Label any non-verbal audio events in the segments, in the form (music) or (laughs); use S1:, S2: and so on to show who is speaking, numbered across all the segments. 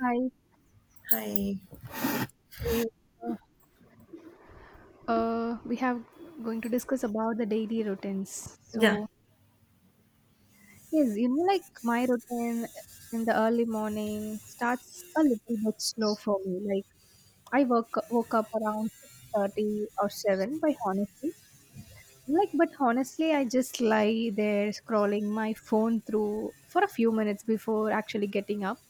S1: Hi.
S2: Hi.
S1: We, uh, we have going to discuss about the daily routines.
S2: Yeah.
S1: So yes, you know, like my routine in the early morning starts a little bit slow for me. Like I woke up around 6:30 or seven. By honestly, like but honestly, I just lie there scrolling my phone through for a few minutes before actually getting up.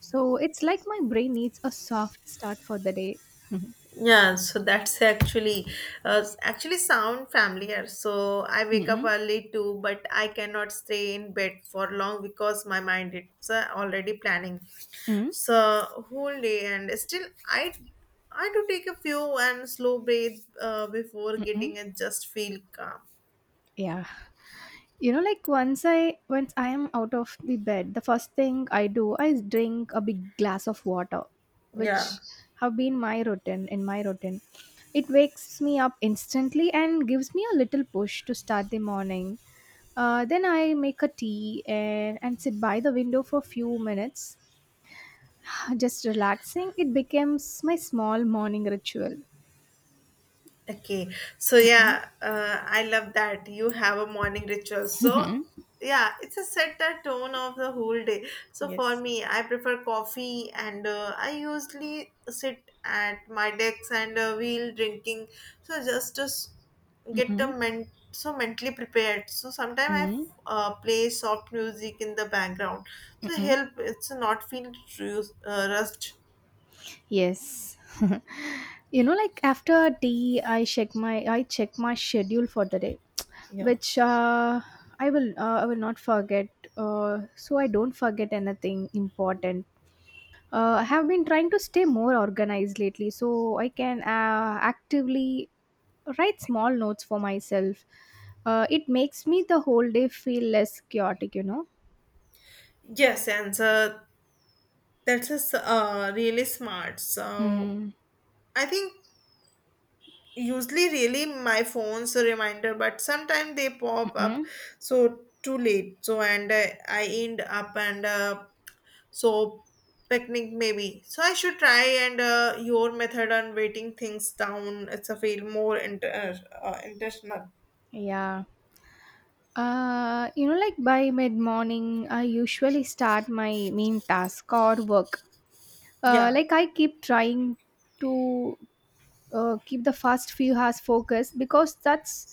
S1: So it's like my brain needs a soft start for the day. (laughs) Mm-mm.
S2: Yeah. So actually sound familiar. So I wake up
S1: Mm-mm.
S2: early too, but I cannot stay in bed for long because my mind is already planning. So whole day and still I do take a few and slow breath before getting and just feel calm.
S1: Yeah. You know, like once I am out of the bed, the first thing I do, I drink a big glass of water,
S2: Yeah.
S1: which have been my routine in my routine. It wakes me up instantly and gives me a little push to start the morning. Then I make a tea and sit by the window for a few minutes, (sighs) just relaxing. It becomes my small morning ritual.
S2: Okay, so yeah, I love that you have a morning ritual. So
S1: Mm-mm.
S2: yeah, it's a set the tone of the whole day. So for
S1: (laughs) Yes.
S2: me, I prefer coffee, and I usually sit at my desk and we'll drinking. So just to get a
S1: Mm-mm.
S2: so mentally prepared. So sometimes I
S1: Mm-mm.
S2: play soft music in the background. So
S1: Mm-mm.
S2: help it's not feel rushed.
S1: Yes. (laughs) You know, like after tea, I check my schedule for the day,
S2: Yeah.
S1: which I will not forget. So I don't forget anything important. I have been trying to stay more organized lately, so I can actively write small notes for myself. It makes me the whole day feel less chaotic, you know.
S2: Yes, and so that's a s really smart. So
S1: Mm.
S2: I think usually really my phone's a reminder, but sometimes they pop up so too late. So and I end up and so picnic maybe. So I should try and your method on waiting things down. It's a feel more intentional.
S1: Yeah. You know, like by mid morning, I usually start my main task or work.
S2: Yeah,
S1: Like I keep trying to keep the first few hours focused, because that's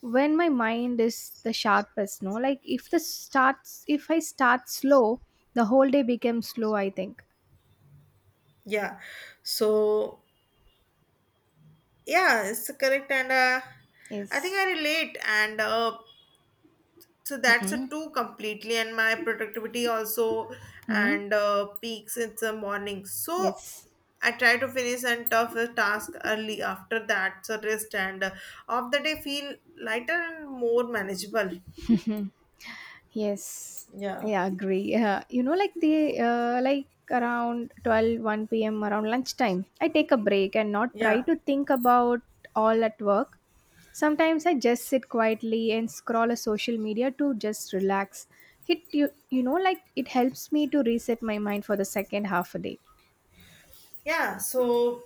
S1: when my mind is the sharpest. No, like if I start slow, the whole day becomes slow, I think.
S2: yeah. So yeah, it's correct and. I think
S1: Yes.
S2: I relate, and so that's a
S1: Mm-mm.
S2: two completely and my productivity also
S1: Mm.
S2: and peaks in the morning so
S1: Yes.
S2: I try to finish and tough task early after that so rest and of the day feel lighter and more manageable.
S1: (laughs) Yes, I
S2: Yeah,
S1: agree. Yeah, you know, like the like around twelve one p.m., around lunchtime, I take a break and not try
S2: yeah.
S1: to think about all at work. Sometimes I just sit quietly and scroll a social media to just relax. It you you know like it helps me to reset my mind for the second half a day.
S2: Yeah, so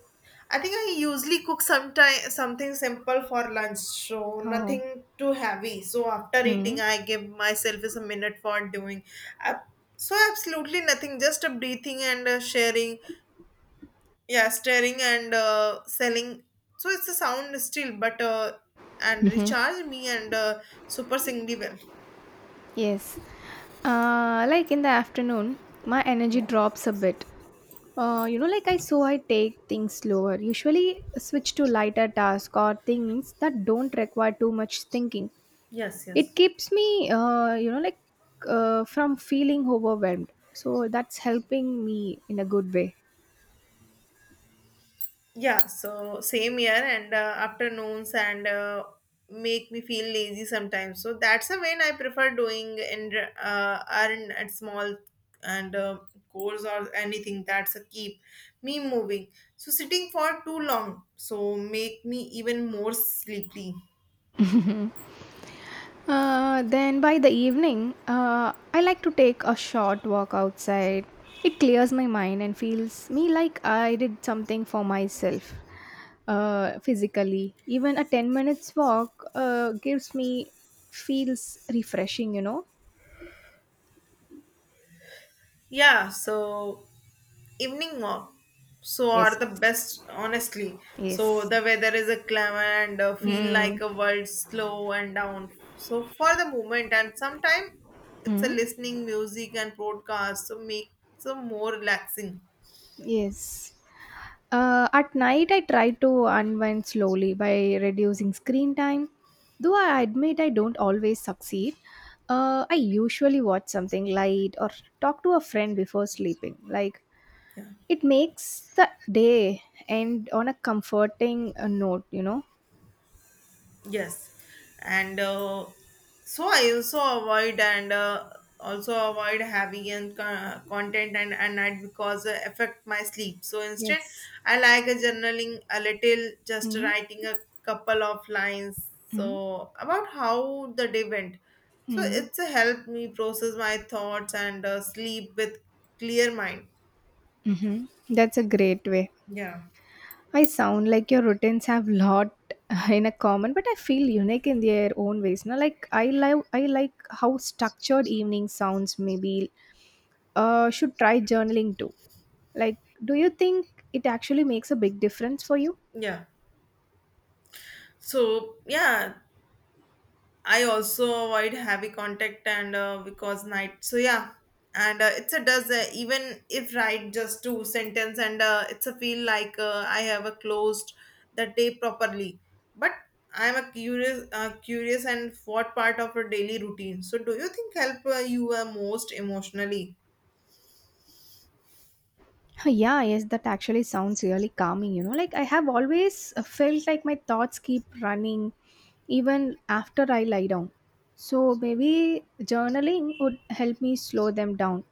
S2: I think I usually cook sometime something simple for lunch, so
S1: Oh.
S2: nothing too heavy. So after eating,
S1: Mm-hmm.
S2: I give myself is a minute for doing. Uh, so absolutely nothing, just a breathing and sharing. Yeah, staring and selling. So it's a sound still, but and recharge me and super singly well.
S1: Yes. Like in the afternoon, my energy
S2: Yeah.
S1: drops a bit. You know, like I so I take things slower, usually switch to lighter tasks or things that don't require too much thinking.
S2: Yes.
S1: It
S2: Yes.
S1: keeps me, you know, like from feeling overwhelmed. So that's helping me in a good way.
S2: Yeah, so same here, and afternoons and make me feel lazy sometimes. So that's the when I prefer doing and earn at small and goals or anything that's a keep me moving. So sitting for too long, so make me even more sleepy.
S1: (laughs) Then by the evening, I like to take a short walk outside. It clears my mind and feels me like I did something for myself physically. Even a 10 minutes walk gives me feels refreshing, you know?
S2: Yeah, so evening walk. So
S1: Yes,
S2: are the best, honestly. So
S1: yes.
S2: the weather is a clam and feel
S1: Mm.
S2: like a world slow and down. So for the moment and sometime it's a
S1: Mm.
S2: listening music and broadcast. So make some more relaxing.
S1: Yes. At night, I try to unwind slowly by reducing screen time. Though I admit I don't always succeed, I usually watch something light or talk to a friend before sleeping. Like,
S2: Yeah.
S1: it makes the day end on a comforting note, you know?
S2: Yes, and so I also avoid and also avoid having and content and at night because affect my sleep. So instead,
S1: Yes.
S2: I like a journaling a little, just writing
S1: Mm-hmm.
S2: a couple of lines. So about how the day went. So
S1: Mm-hmm.
S2: it's a help me process my thoughts and sleep with clear mind.
S1: Mm-hmm. That's a great way.
S2: Yeah.
S1: I sound like your routines have lot (laughs) in a common, but I feel unique in their own ways. Now, like I like how structured evening sounds. Maybe should try journaling too. Like, do you think it actually makes a big difference for you? (laughs)
S2: Yeah. So yeah, I also avoid heavy contact and because night. So yeah, and it's a does even if write just two sentence and it's a feel like I have a closed the day properly. But I'm a curious and what part of a daily routine. So do you think help you most emotionally?
S1: Huh, yeah, yes, that actually sounds really calming. You know, like I have always felt like my thoughts keep running even after I lie down. So maybe journaling would help me slow them down.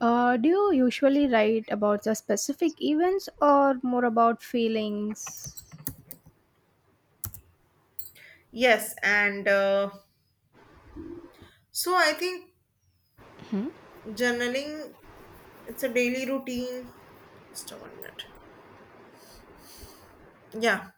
S1: Do you usually write about the specific events or more about feelings?
S2: Yes, and so I think journaling it's a daily routine. Just a 1 minute. Yeah.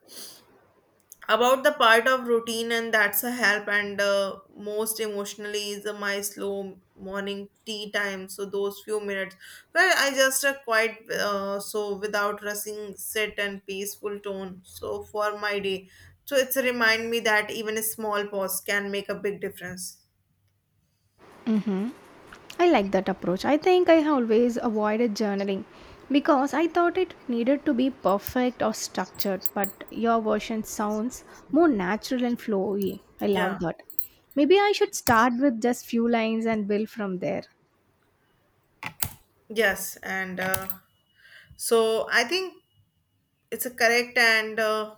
S2: About the part of routine and that's a help and most emotionally is my slow morning tea time, so those few minutes where I just quite so without rushing sit and peaceful tone so for my day, so it's a remind me that even a small pause can make a big difference.
S1: Mm-hmm. I like that approach. I think I have always avoided journaling because I thought it needed to be perfect or structured, but your version sounds more natural and flowy. I love
S2: Yeah,
S1: that. Maybe I should start with just few lines and build from there.
S2: yes and so I think it's a correct and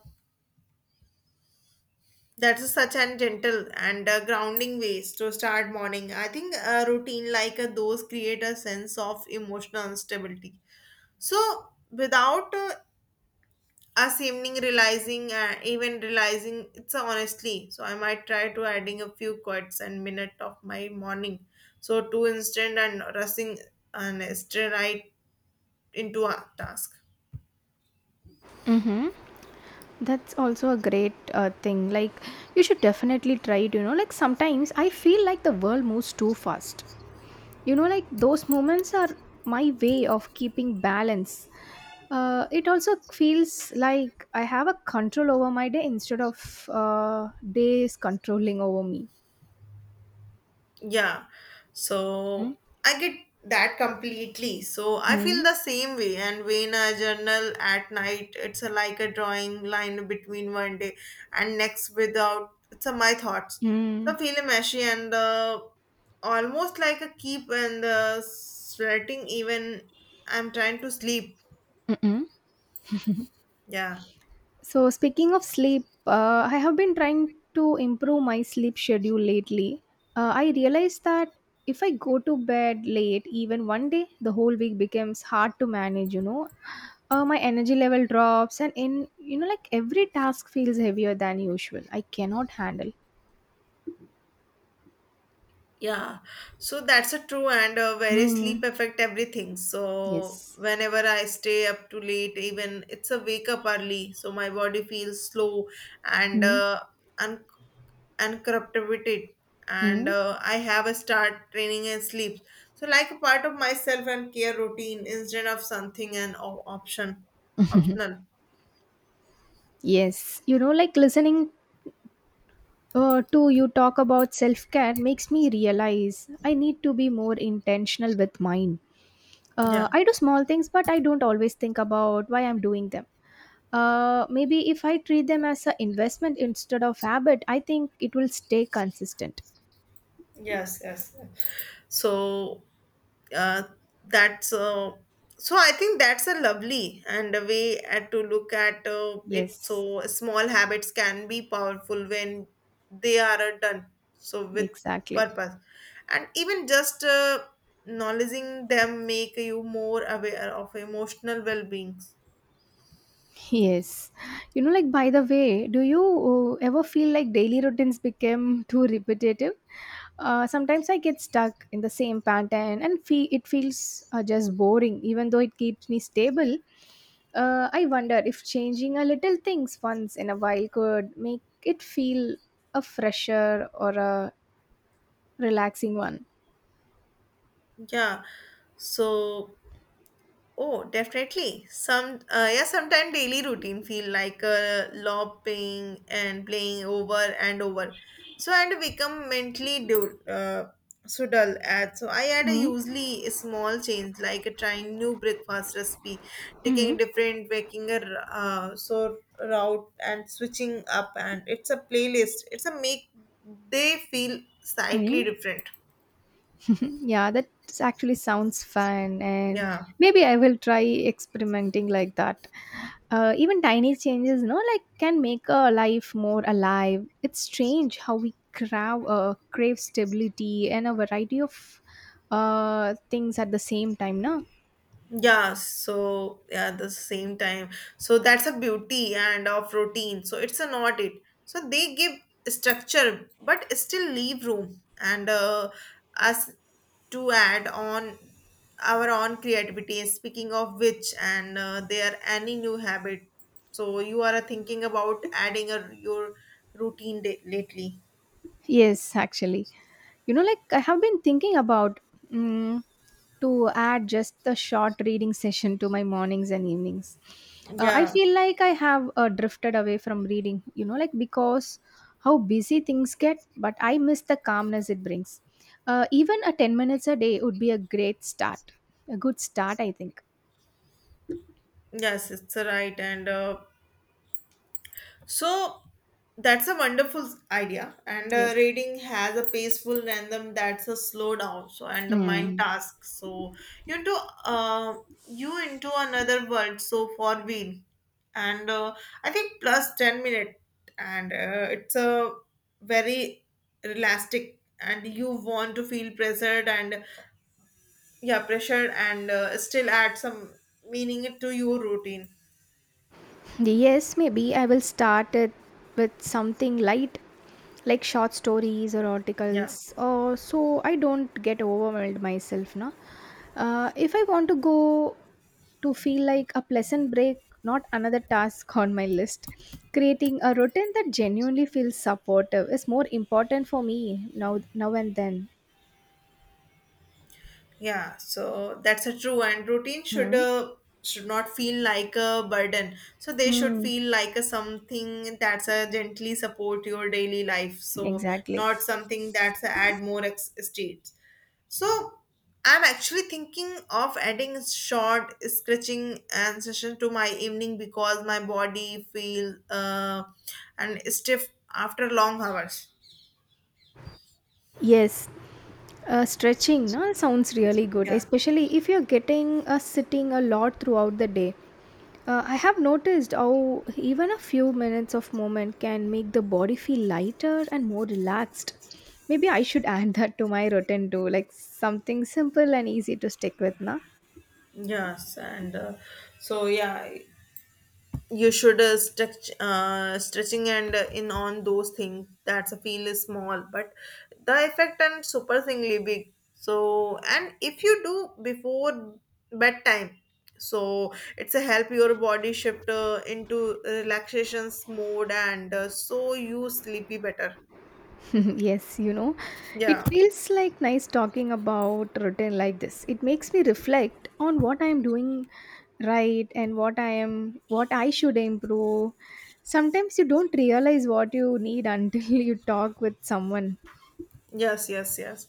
S2: that is such an gentle and grounding ways to start morning. I think a routine like those create a sense of emotional stability. So without even realizing it's a honestly. So I might try to adding a few quotes and minute of my morning. So to instant and rushing and straight right into a task.
S1: Hmm. That's also a great thing. Like, you should definitely try it. You know, like sometimes I feel like the world moves too fast, you know, like those moments are my way of keeping balance. It also feels like I have a control over my day instead of days controlling over me.
S2: Yeah, so I get that completely. So I feel
S1: Mhm.
S2: the same way. And when I journal at night, it's a, like a drawing line between one day and next without. It's a, my thoughts. So I
S1: Mm.
S2: feel meshy and almost like a keep and sweating even I'm trying to sleep.
S1: Mm.
S2: Yeah.
S1: So speaking of sleep, I have been trying to improve my sleep schedule lately. I realized that if I go to bed late even one day, the whole week becomes hard to manage, you know. My energy level drops, and in you know, like every task feels heavier than usual. I cannot handle.
S2: Yeah, so that's a true and very sleep
S1: Mm.
S2: affect everything. So
S1: Yes.
S2: whenever I stay up too late, even it's a wake up early, so my body feels slow and
S1: Mm,
S2: un- uncorruptivated. And
S1: mm.
S2: I have a start training and sleep. So like a part of myself and care routine instead of something and optional.
S1: (laughs) Yes, you know, like listening to you talk about self care makes me realize I need to be more intentional with mine.
S2: Yeah.
S1: I do small things, but I don't always think about why I'm doing them. Maybe if I treat them as an investment instead of habit, I think it will stay consistent.
S2: Yes, yes. So uh, that's so. I think that's a lovely and a way at to look at it.
S1: Yes,
S2: So small habits can be powerful when they are done so with
S1: exactly.
S2: purpose, and even just acknowledging them make you more aware of emotional well being.
S1: Yes. You know, like, by the way, do you ever feel like daily routines become (laughs) too repetitive? Sometimes I get stuck in the same pattern and feel it feels just boring, even though it keeps me stable. I wonder if changing a little things once in a while could make it feel a fresher or a relaxing one.
S2: Yeah. So oh, definitely. Some yeah, sometimes daily routine feel like lopping and playing over and over. So and become mentally so dull. At so I had a usually a small change like trying new breakfast recipe,
S1: Mm-hmm.
S2: taking different so route and switching up. And it's a playlist. It's a make they feel slightly
S1: Mm-hmm.
S2: different.
S1: (laughs) Yeah, that actually sounds fun, and
S2: Yeah.
S1: maybe I will try experimenting like that. Even tiny changes, you know, like can make a life more alive. It's strange how we crave stability and a variety of things at the same time, no?
S2: Yeah, so yeah, the same time. So that's a beauty and of routine. So it's a not it. So they give structure but still leave room and us to add on our own creativity. Speaking of which, and there any new habit. So you are thinking about adding a your routine lately.
S1: Yes, actually. You know, like I have been thinking about mm to add just the short reading session to my mornings and evenings. I
S2: Yeah.
S1: feel like I have drifted away from reading, you know, like because how busy things get, but I miss the calmness it brings. Even a 10 minutes a day would be a great start, a good start, I think.
S2: Yes, it's a right. And so that's a wonderful idea. And
S1: Yes.
S2: reading has a peaceful random that's a slow down. So and the mind
S1: Hmm.
S2: task. So you into uh, you into another world. So for we and I think plus 10 minute and it's a very elastic and you want to feel pressured and still add some meaning to your routine.
S1: Yes, maybe I will start it with something light, like short stories or
S2: Yeah.
S1: articles, or so I don't get overwhelmed myself. No, if I want to go to feel like a pleasant break, not another task on my list. Creating a routine that genuinely feels supportive is more important for me now, now and then.
S2: Yeah, so that's a true and routine
S1: Hmm.
S2: should not feel like a burden. So they should
S1: Hmm.
S2: feel like a something that's a gently support your daily life. So
S1: Exactly.
S2: not something that's a add more states. So I'm actually thinking of adding short stretching and session to my evening because my body feel and stiff after long hours.
S1: Yes, stretching no, sounds really good,
S2: Yeah.
S1: especially if you're getting sitting a lot throughout the day. I have noticed how even a few minutes of movement can make the body feel lighter and more relaxed. Maybe I should (laughs) add that to my routine too, like something simple and easy to stick with, na?
S2: Yes, and so yeah. You should stretching and in on those things that's a feel is small but the effect and super big, so and if you do before bedtime, so it's a help your body shift into relaxations mode and so you sleepy better.
S1: (laughs) Yes, you know,
S2: Yeah,
S1: it feels like nice talking about routine like this. It makes me reflect on what I am doing right and what I should improve. Sometimes you don't realize what you need until (laughs) you talk with someone.
S2: yes, yes, yes.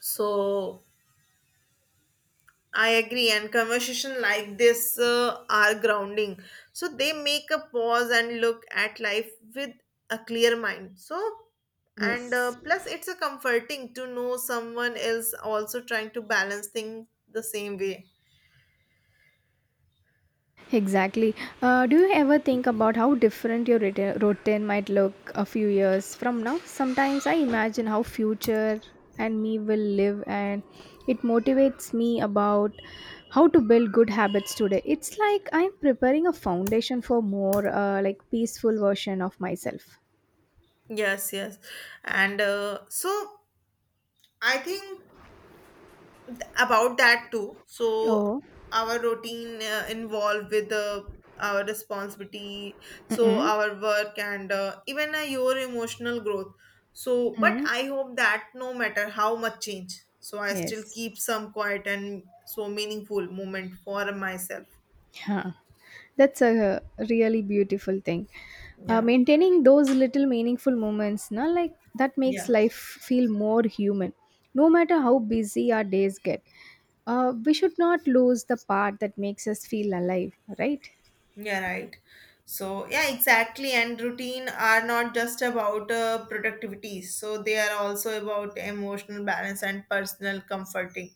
S2: So I agree, and conversation like this are grounding. So they make a pause and look at life with a clear mind. So, and
S1: Yes.
S2: plus, it's a comforting to know someone else also trying to balance things the same way.
S1: Exactly. Do you ever think about how different your routine might look a few years from now? Sometimes I imagine how future and me will live, and it motivates me about how to build good habits today. It's like I'm preparing a foundation for more like peaceful version of myself.
S2: Yes, yes, and so I think about that too, so
S1: Oh,
S2: our routine involved with our responsibility, so
S1: mm-mm,
S2: our work and even your emotional growth, so but
S1: mm,
S2: I hope that no matter how much change so I still
S1: yes.
S2: keep some quiet and so meaningful moment for myself.
S1: Yeah, that's a really beautiful thing.
S2: Yeah,
S1: Maintaining those little meaningful moments, na, like that makes
S2: yeah.
S1: life feel more human. No matter how busy our days get, we should not lose the part that makes us feel alive, right?
S2: Yeah, right. So, yeah, exactly. And routine are not just about productivity. So they are also about emotional balance and personal comforting.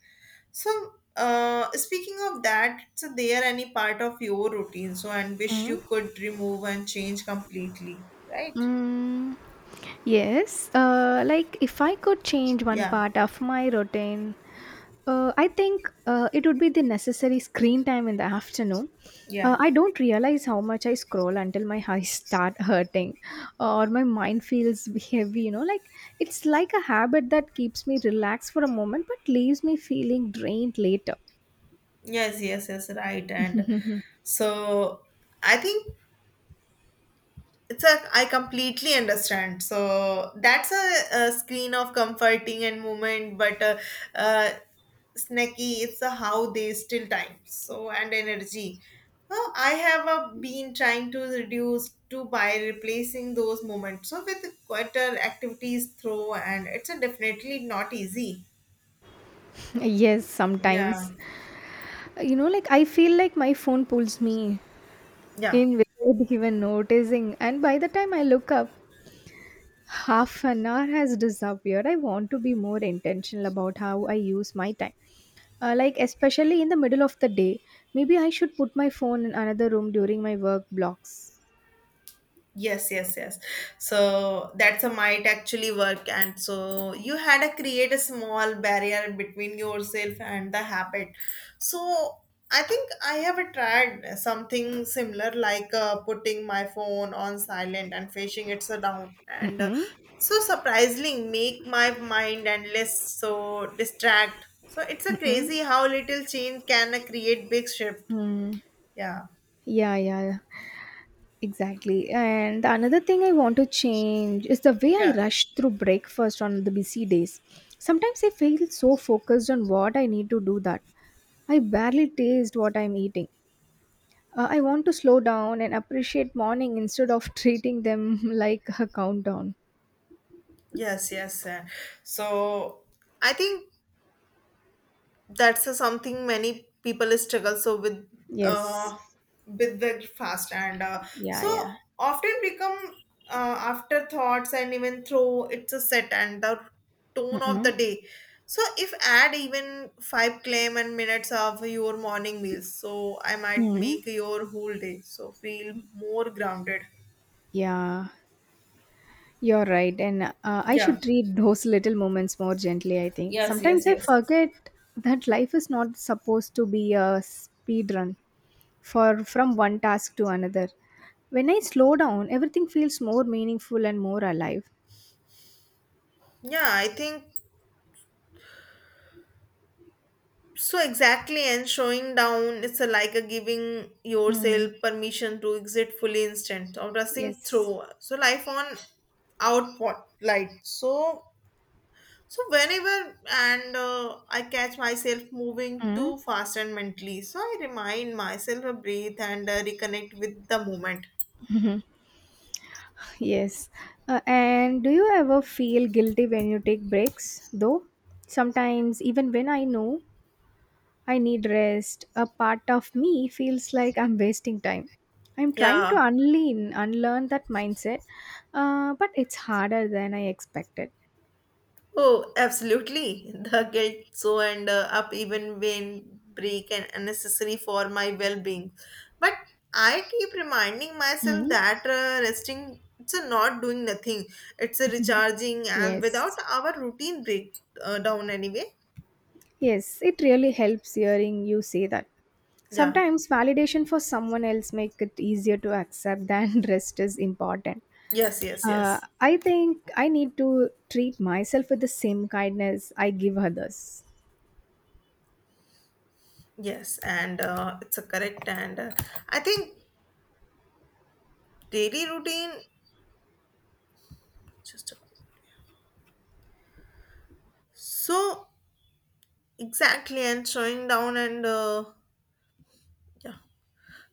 S2: So, speaking of that, so they are any part of your routine. So, and wish you could remove and change completely, right?
S1: Mm, yes, like if I could change one
S2: Yeah,
S1: part of my routine, I think it would be the necessary screen time in the afternoon.
S2: yeah.
S1: I don't realize how much I scroll until my (laughs) eyes start hurting or my mind feels heavy, you know. Like it's like a habit that keeps me relaxed for a moment but leaves me feeling drained later.
S2: Yes, yes, yes, right. And
S1: (laughs)
S2: so I think it's a I completely understand so that's a screen of comforting and movement but uh, snacky it's a how they still time so and energy, so I have been trying to reduce to by replacing those moments so with quieter activities throw and it's a definitely not easy.
S1: Yes, sometimes.
S2: Yeah,
S1: You know, like I feel like my phone pulls me
S2: yeah.
S1: in without even noticing. And by the time I look up, half an hour has disappeared. I want to be more intentional about how I use my time. Like, especially in the middle of the day, maybe I should put my phone in another room during my work blocks.
S2: Yes, yes, yes. So that's a might actually work. And so you had to create a small barrier between yourself and the habit. So I think I have tried something similar like putting my phone on silent and facing it so down. And
S1: Mm-mm,
S2: so surprisingly, make my mind and less so distract. So it's a crazy
S1: mm-mm.
S2: how little change can create big shift.
S1: Hmm.
S2: Yeah.
S1: Yeah, yeah. Exactly. And the another thing I want to change is the way I
S2: Yeah.
S1: rush through breakfast on the busy days. Sometimes I feel so focused on what I need to do that I barely taste what I'm eating. I want to slow down and appreciate morning instead of treating them (laughs) like a countdown.
S2: Yes, yes. So I think that's something many people struggle so
S1: Yes.
S2: uh with very fast and
S1: Yeah,
S2: so
S1: yeah.
S2: often become afterthoughts and even though it's a set and the tone of the
S1: Mm-mm.
S2: day. So if add even five claim and minutes of your morning meals, so I might
S1: Hmm.
S2: make your whole day so feel more grounded.
S1: Yeah. You're right, and I
S2: Yeah.
S1: should treat those little moments more gently. I think sometimes I forget that life is not supposed to be a speed run for from one task to another. When I slow down, everything feels more meaningful and more alive.
S2: Yeah, I think so exactly, and showing down, it's a, like a giving
S1: Mm.
S2: yourself permission to exit fully instant or rushing
S1: Yes.
S2: through. So life on output light. So whenever and I catch myself moving
S1: Mm.
S2: too fast and mentally, so I remind myself to breathe and reconnect with the moment.
S1: (laughs) Yes. And do you ever feel guilty when you take breaks? Though sometimes, even when I know I need rest. A part of me feels like I'm wasting time. I'm trying
S2: Yeah.
S1: to unlearn that mindset, but it's harder than I expected.
S2: Oh, absolutely. (laughs) The guilt so and up even when break and unnecessary for my well-being. But I keep reminding myself
S1: Hmm.
S2: that resting it's a not doing nothing. It's a recharging and without
S1: Yes.
S2: our routine break down anyway.
S1: Yes, it really helps hearing you say that.
S2: Yeah.
S1: Sometimes validation for someone else make it easier to accept than (laughs) rest is important.
S2: Yes, yes, yes.
S1: I think I need to treat myself with the same kindness I give others.
S2: Yes, and it's a correct and I think daily routine just a- so exactly and showing down and yeah.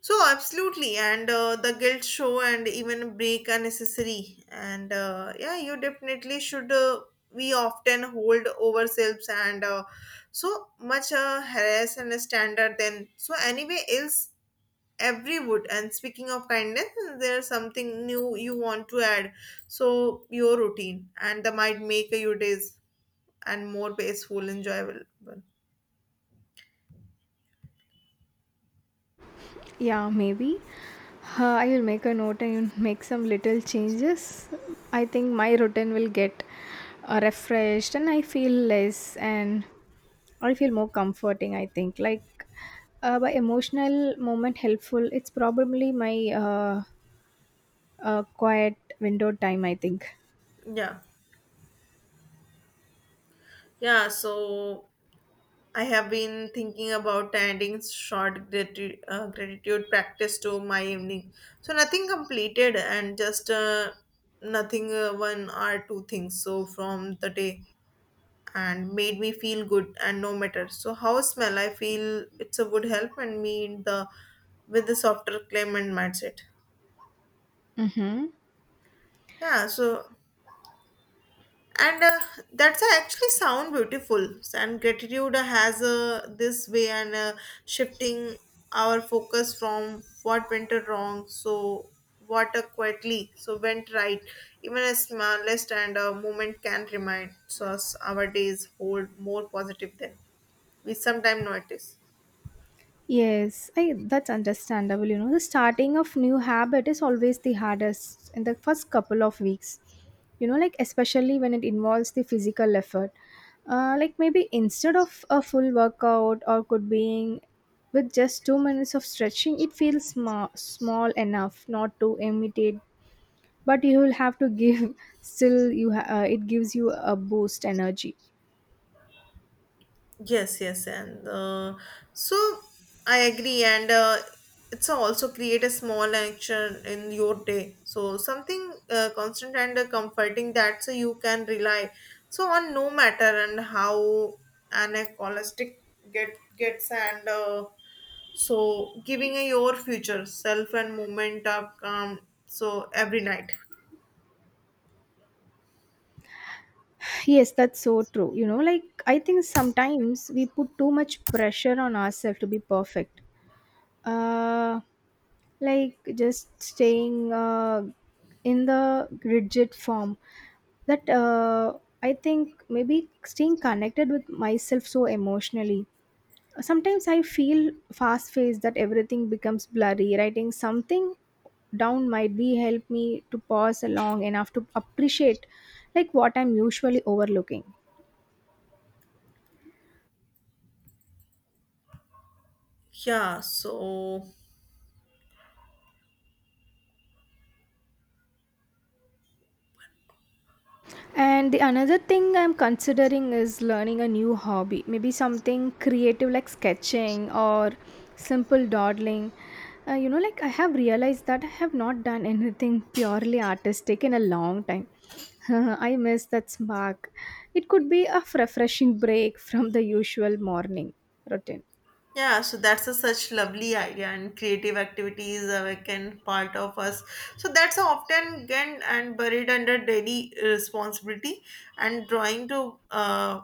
S2: So absolutely, and the guilt show and even break are necessary. And yeah, you definitely should. We often hold ourselves and so much harass and standard. Then so anyway, else every wood. And speaking of kindness, there's something new you want to add. So your routine and that might make your days and more peaceful, enjoyable.
S1: Yeah, maybe. I will make a note and make some little changes. I think my routine will get refreshed and I feel less and I feel more comforting. I think by emotional moment helpful. It's probably my quiet window time. I think.
S2: Yeah, yeah. So I have been thinking about adding short gratitude practice to my evening. So nothing completed and just nothing one or two things so from the day and made me feel good and no matter. So how smell I feel it's a would help and me in the with the softer claim and mindset.
S1: Mm-hmm.
S2: Yeah, so and that's actually sound beautiful and gratitude has this way and shifting our focus from what went wrong so what quietly so went right even a smallest and a moment can remind us our days hold more positive than we sometimes notice.
S1: Yes, I that's understandable. You know, the starting of new habit is always the hardest in the first couple of weeks. You know, like especially when it involves the physical effort. Like maybe instead of a full workout or could being with just 2 minutes of stretching, it feels small enough not to imitate, but you will have to give. (laughs) Still, it gives you a boost energy.
S2: Yes, yes, and so I agree, and it's also create a small action in your day. So something constant and comforting that so you can rely. So on no matter and how an holistic gets and so giving a your future self and moment of calm. So every night.
S1: Yes, that's so true. You know, like I think sometimes we put too much pressure on ourselves to be perfect. Uh, like just staying in the rigid form. That I think maybe staying connected with myself so emotionally. Sometimes I feel fast paced that everything becomes blurry. Writing something down might be help me to pause long enough to appreciate like what I'm usually overlooking.
S2: Yeah. So
S1: And the another thing I'm considering is learning a new hobby, maybe something creative like sketching or simple dawdling. You know, like I have realized that I have not done anything (laughs) purely artistic in a long time. (laughs) I miss that spark. It could be a refreshing break from the usual morning routine.
S2: yeah, so that's a such lovely idea and creative activities are like can part of us. So that's often again and buried under daily responsibility and drawing to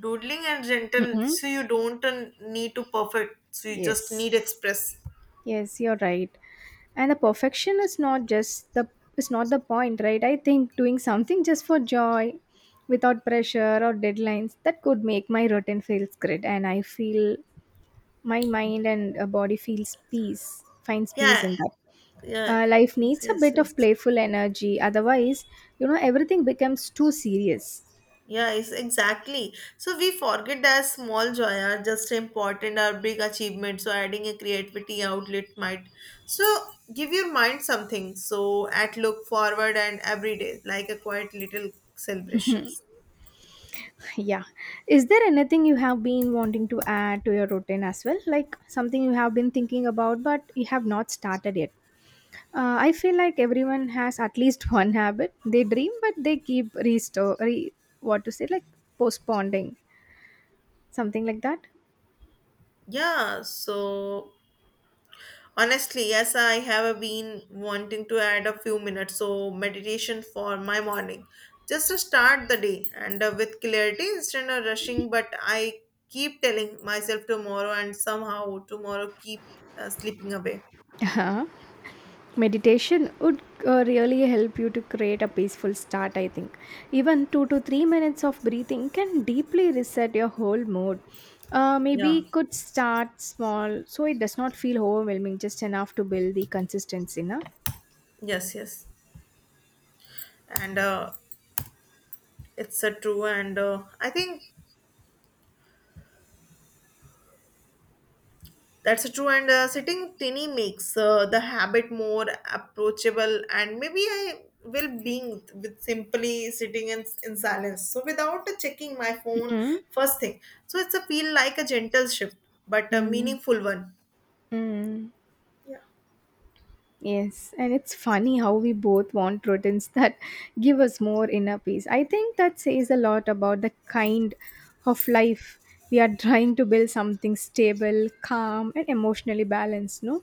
S2: doodling and gentle.
S1: Mhm.
S2: So you don't need to perfect. So you
S1: Yes.
S2: just need express.
S1: Yes, you're right. And the perfection is not just the is not the point, right? I think doing something just for joy, without pressure or deadlines, that could make my routine feels great, and I feel my mind and body feels peace, finds peace
S2: Yeah,
S1: in that.
S2: yeah,
S1: Life
S2: yes,
S1: needs a
S2: yes,
S1: bit
S2: yes.
S1: of playful energy, otherwise, you know, everything becomes too serious.
S2: Yeah, it's exactly. So we forget that small joy are just important or big achievements. So adding a creativity outlet might. So give your mind something. So at look forward and every day, like a quiet little celebrations.
S1: (laughs) Yeah. Is there anything you have been wanting to add to your routine as well? Like something you have been thinking about, but you have not started yet? I feel like everyone has at least (laughs) one habit. They dream, but they keep what to say, like postponing, something like that.
S2: Yeah. So honestly, yes, I have been wanting to add a few minutes so meditation for my morning just to start the day and with clarity instead of rushing. But I keep telling myself tomorrow, and somehow tomorrow keep slipping away.
S1: Uh-huh. Meditation would really help you to create a peaceful start, I think. Even 2 to 3 minutes of breathing can deeply reset your whole mood.
S2: Yeah,
S1: Maybe could start small so it does not feel overwhelming, just enough to build the consistency. Na?
S2: yes, yes, and it's true. And I think That's true. And sitting tinny makes the habit more approachable. And maybe I will being with simply sitting in silence. So without checking my phone
S1: Mm-hmm.
S2: first thing. So it's a feel like a gentle shift, but a meaningful one.
S1: Mm-hmm.
S2: Yeah.
S1: Yes, and it's funny how we both want routines that (laughs) give us more inner peace. I think that says a lot about the kind of life we are trying to build something stable, calm, and emotionally balanced, no?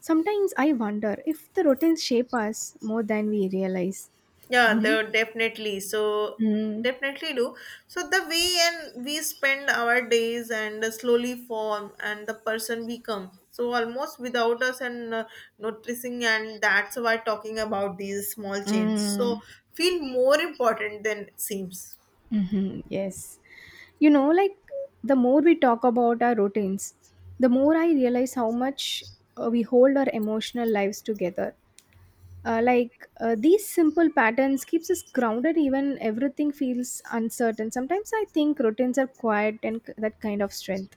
S1: Sometimes I wonder if the routines shape us more than we realize.
S2: Yeah,
S1: Hmm.
S2: they definitely. So
S1: Mm.
S2: definitely do. So the way and we spend our days and slowly form and the person we become. So almost without us and noticing and that's why talking about these small changes. So
S1: Mm.
S2: feel more important than it seems.
S1: Mhm, yes. You know, like the more we talk about our routines, the more I realize how much we hold our emotional lives together. These simple patterns keeps us grounded even everything feels uncertain. Sometimes I think routines are quiet and that kind of strength.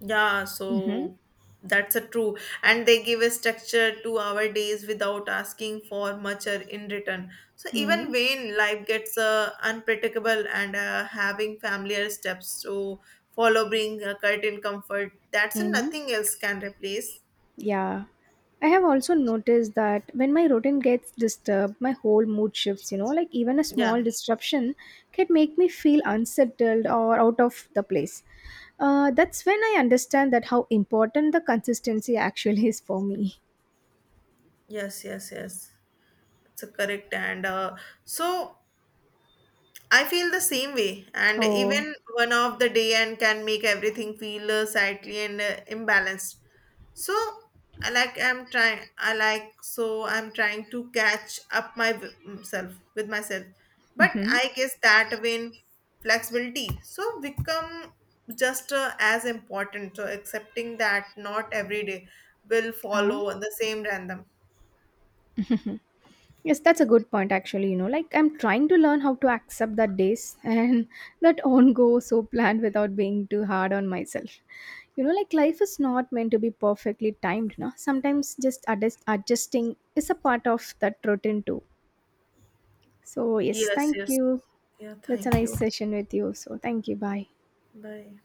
S2: Yeah,
S1: Mm-hmm.
S2: so that's a true. And they give a structure to our days without asking for much or in return. So even
S1: Mm-hmm.
S2: when life gets unpredictable and having familiar steps to follow bring a certain comfort, that's
S1: Mm-hmm.
S2: nothing else can replace.
S1: Yeah. I have also noticed that when my routine gets disturbed, my whole mood shifts, you know, like even a small
S2: Yeah.
S1: disruption can make me feel unsettled or out of the place. That's when I understand that how important the consistency (laughs) actually is for me.
S2: Yes, yes, yes. It's a correct and so I feel the same way, and
S1: Oh.
S2: even one of the day and can make everything feel slightly and imbalanced. So I'm trying. I like so I'm trying to catch up myself with myself, but
S1: Mm-hmm.
S2: I guess that when flexibility so become just as important. So accepting that not every day will follow the same random.
S1: Yes, that's a good point actually, you know. Like I'm trying to learn how to accept that days and (laughs) that on go so planned without being too hard on myself. You know, like life is not meant to be perfectly timed, no? Sometimes just adjusting is a part of that routine too. So yes,
S2: Yes,
S1: thank
S2: yes.
S1: you.
S2: Yeah.
S1: That's a
S2: Thank
S1: nice
S2: you.
S1: session with you. So thank you. Bye.
S2: Bye.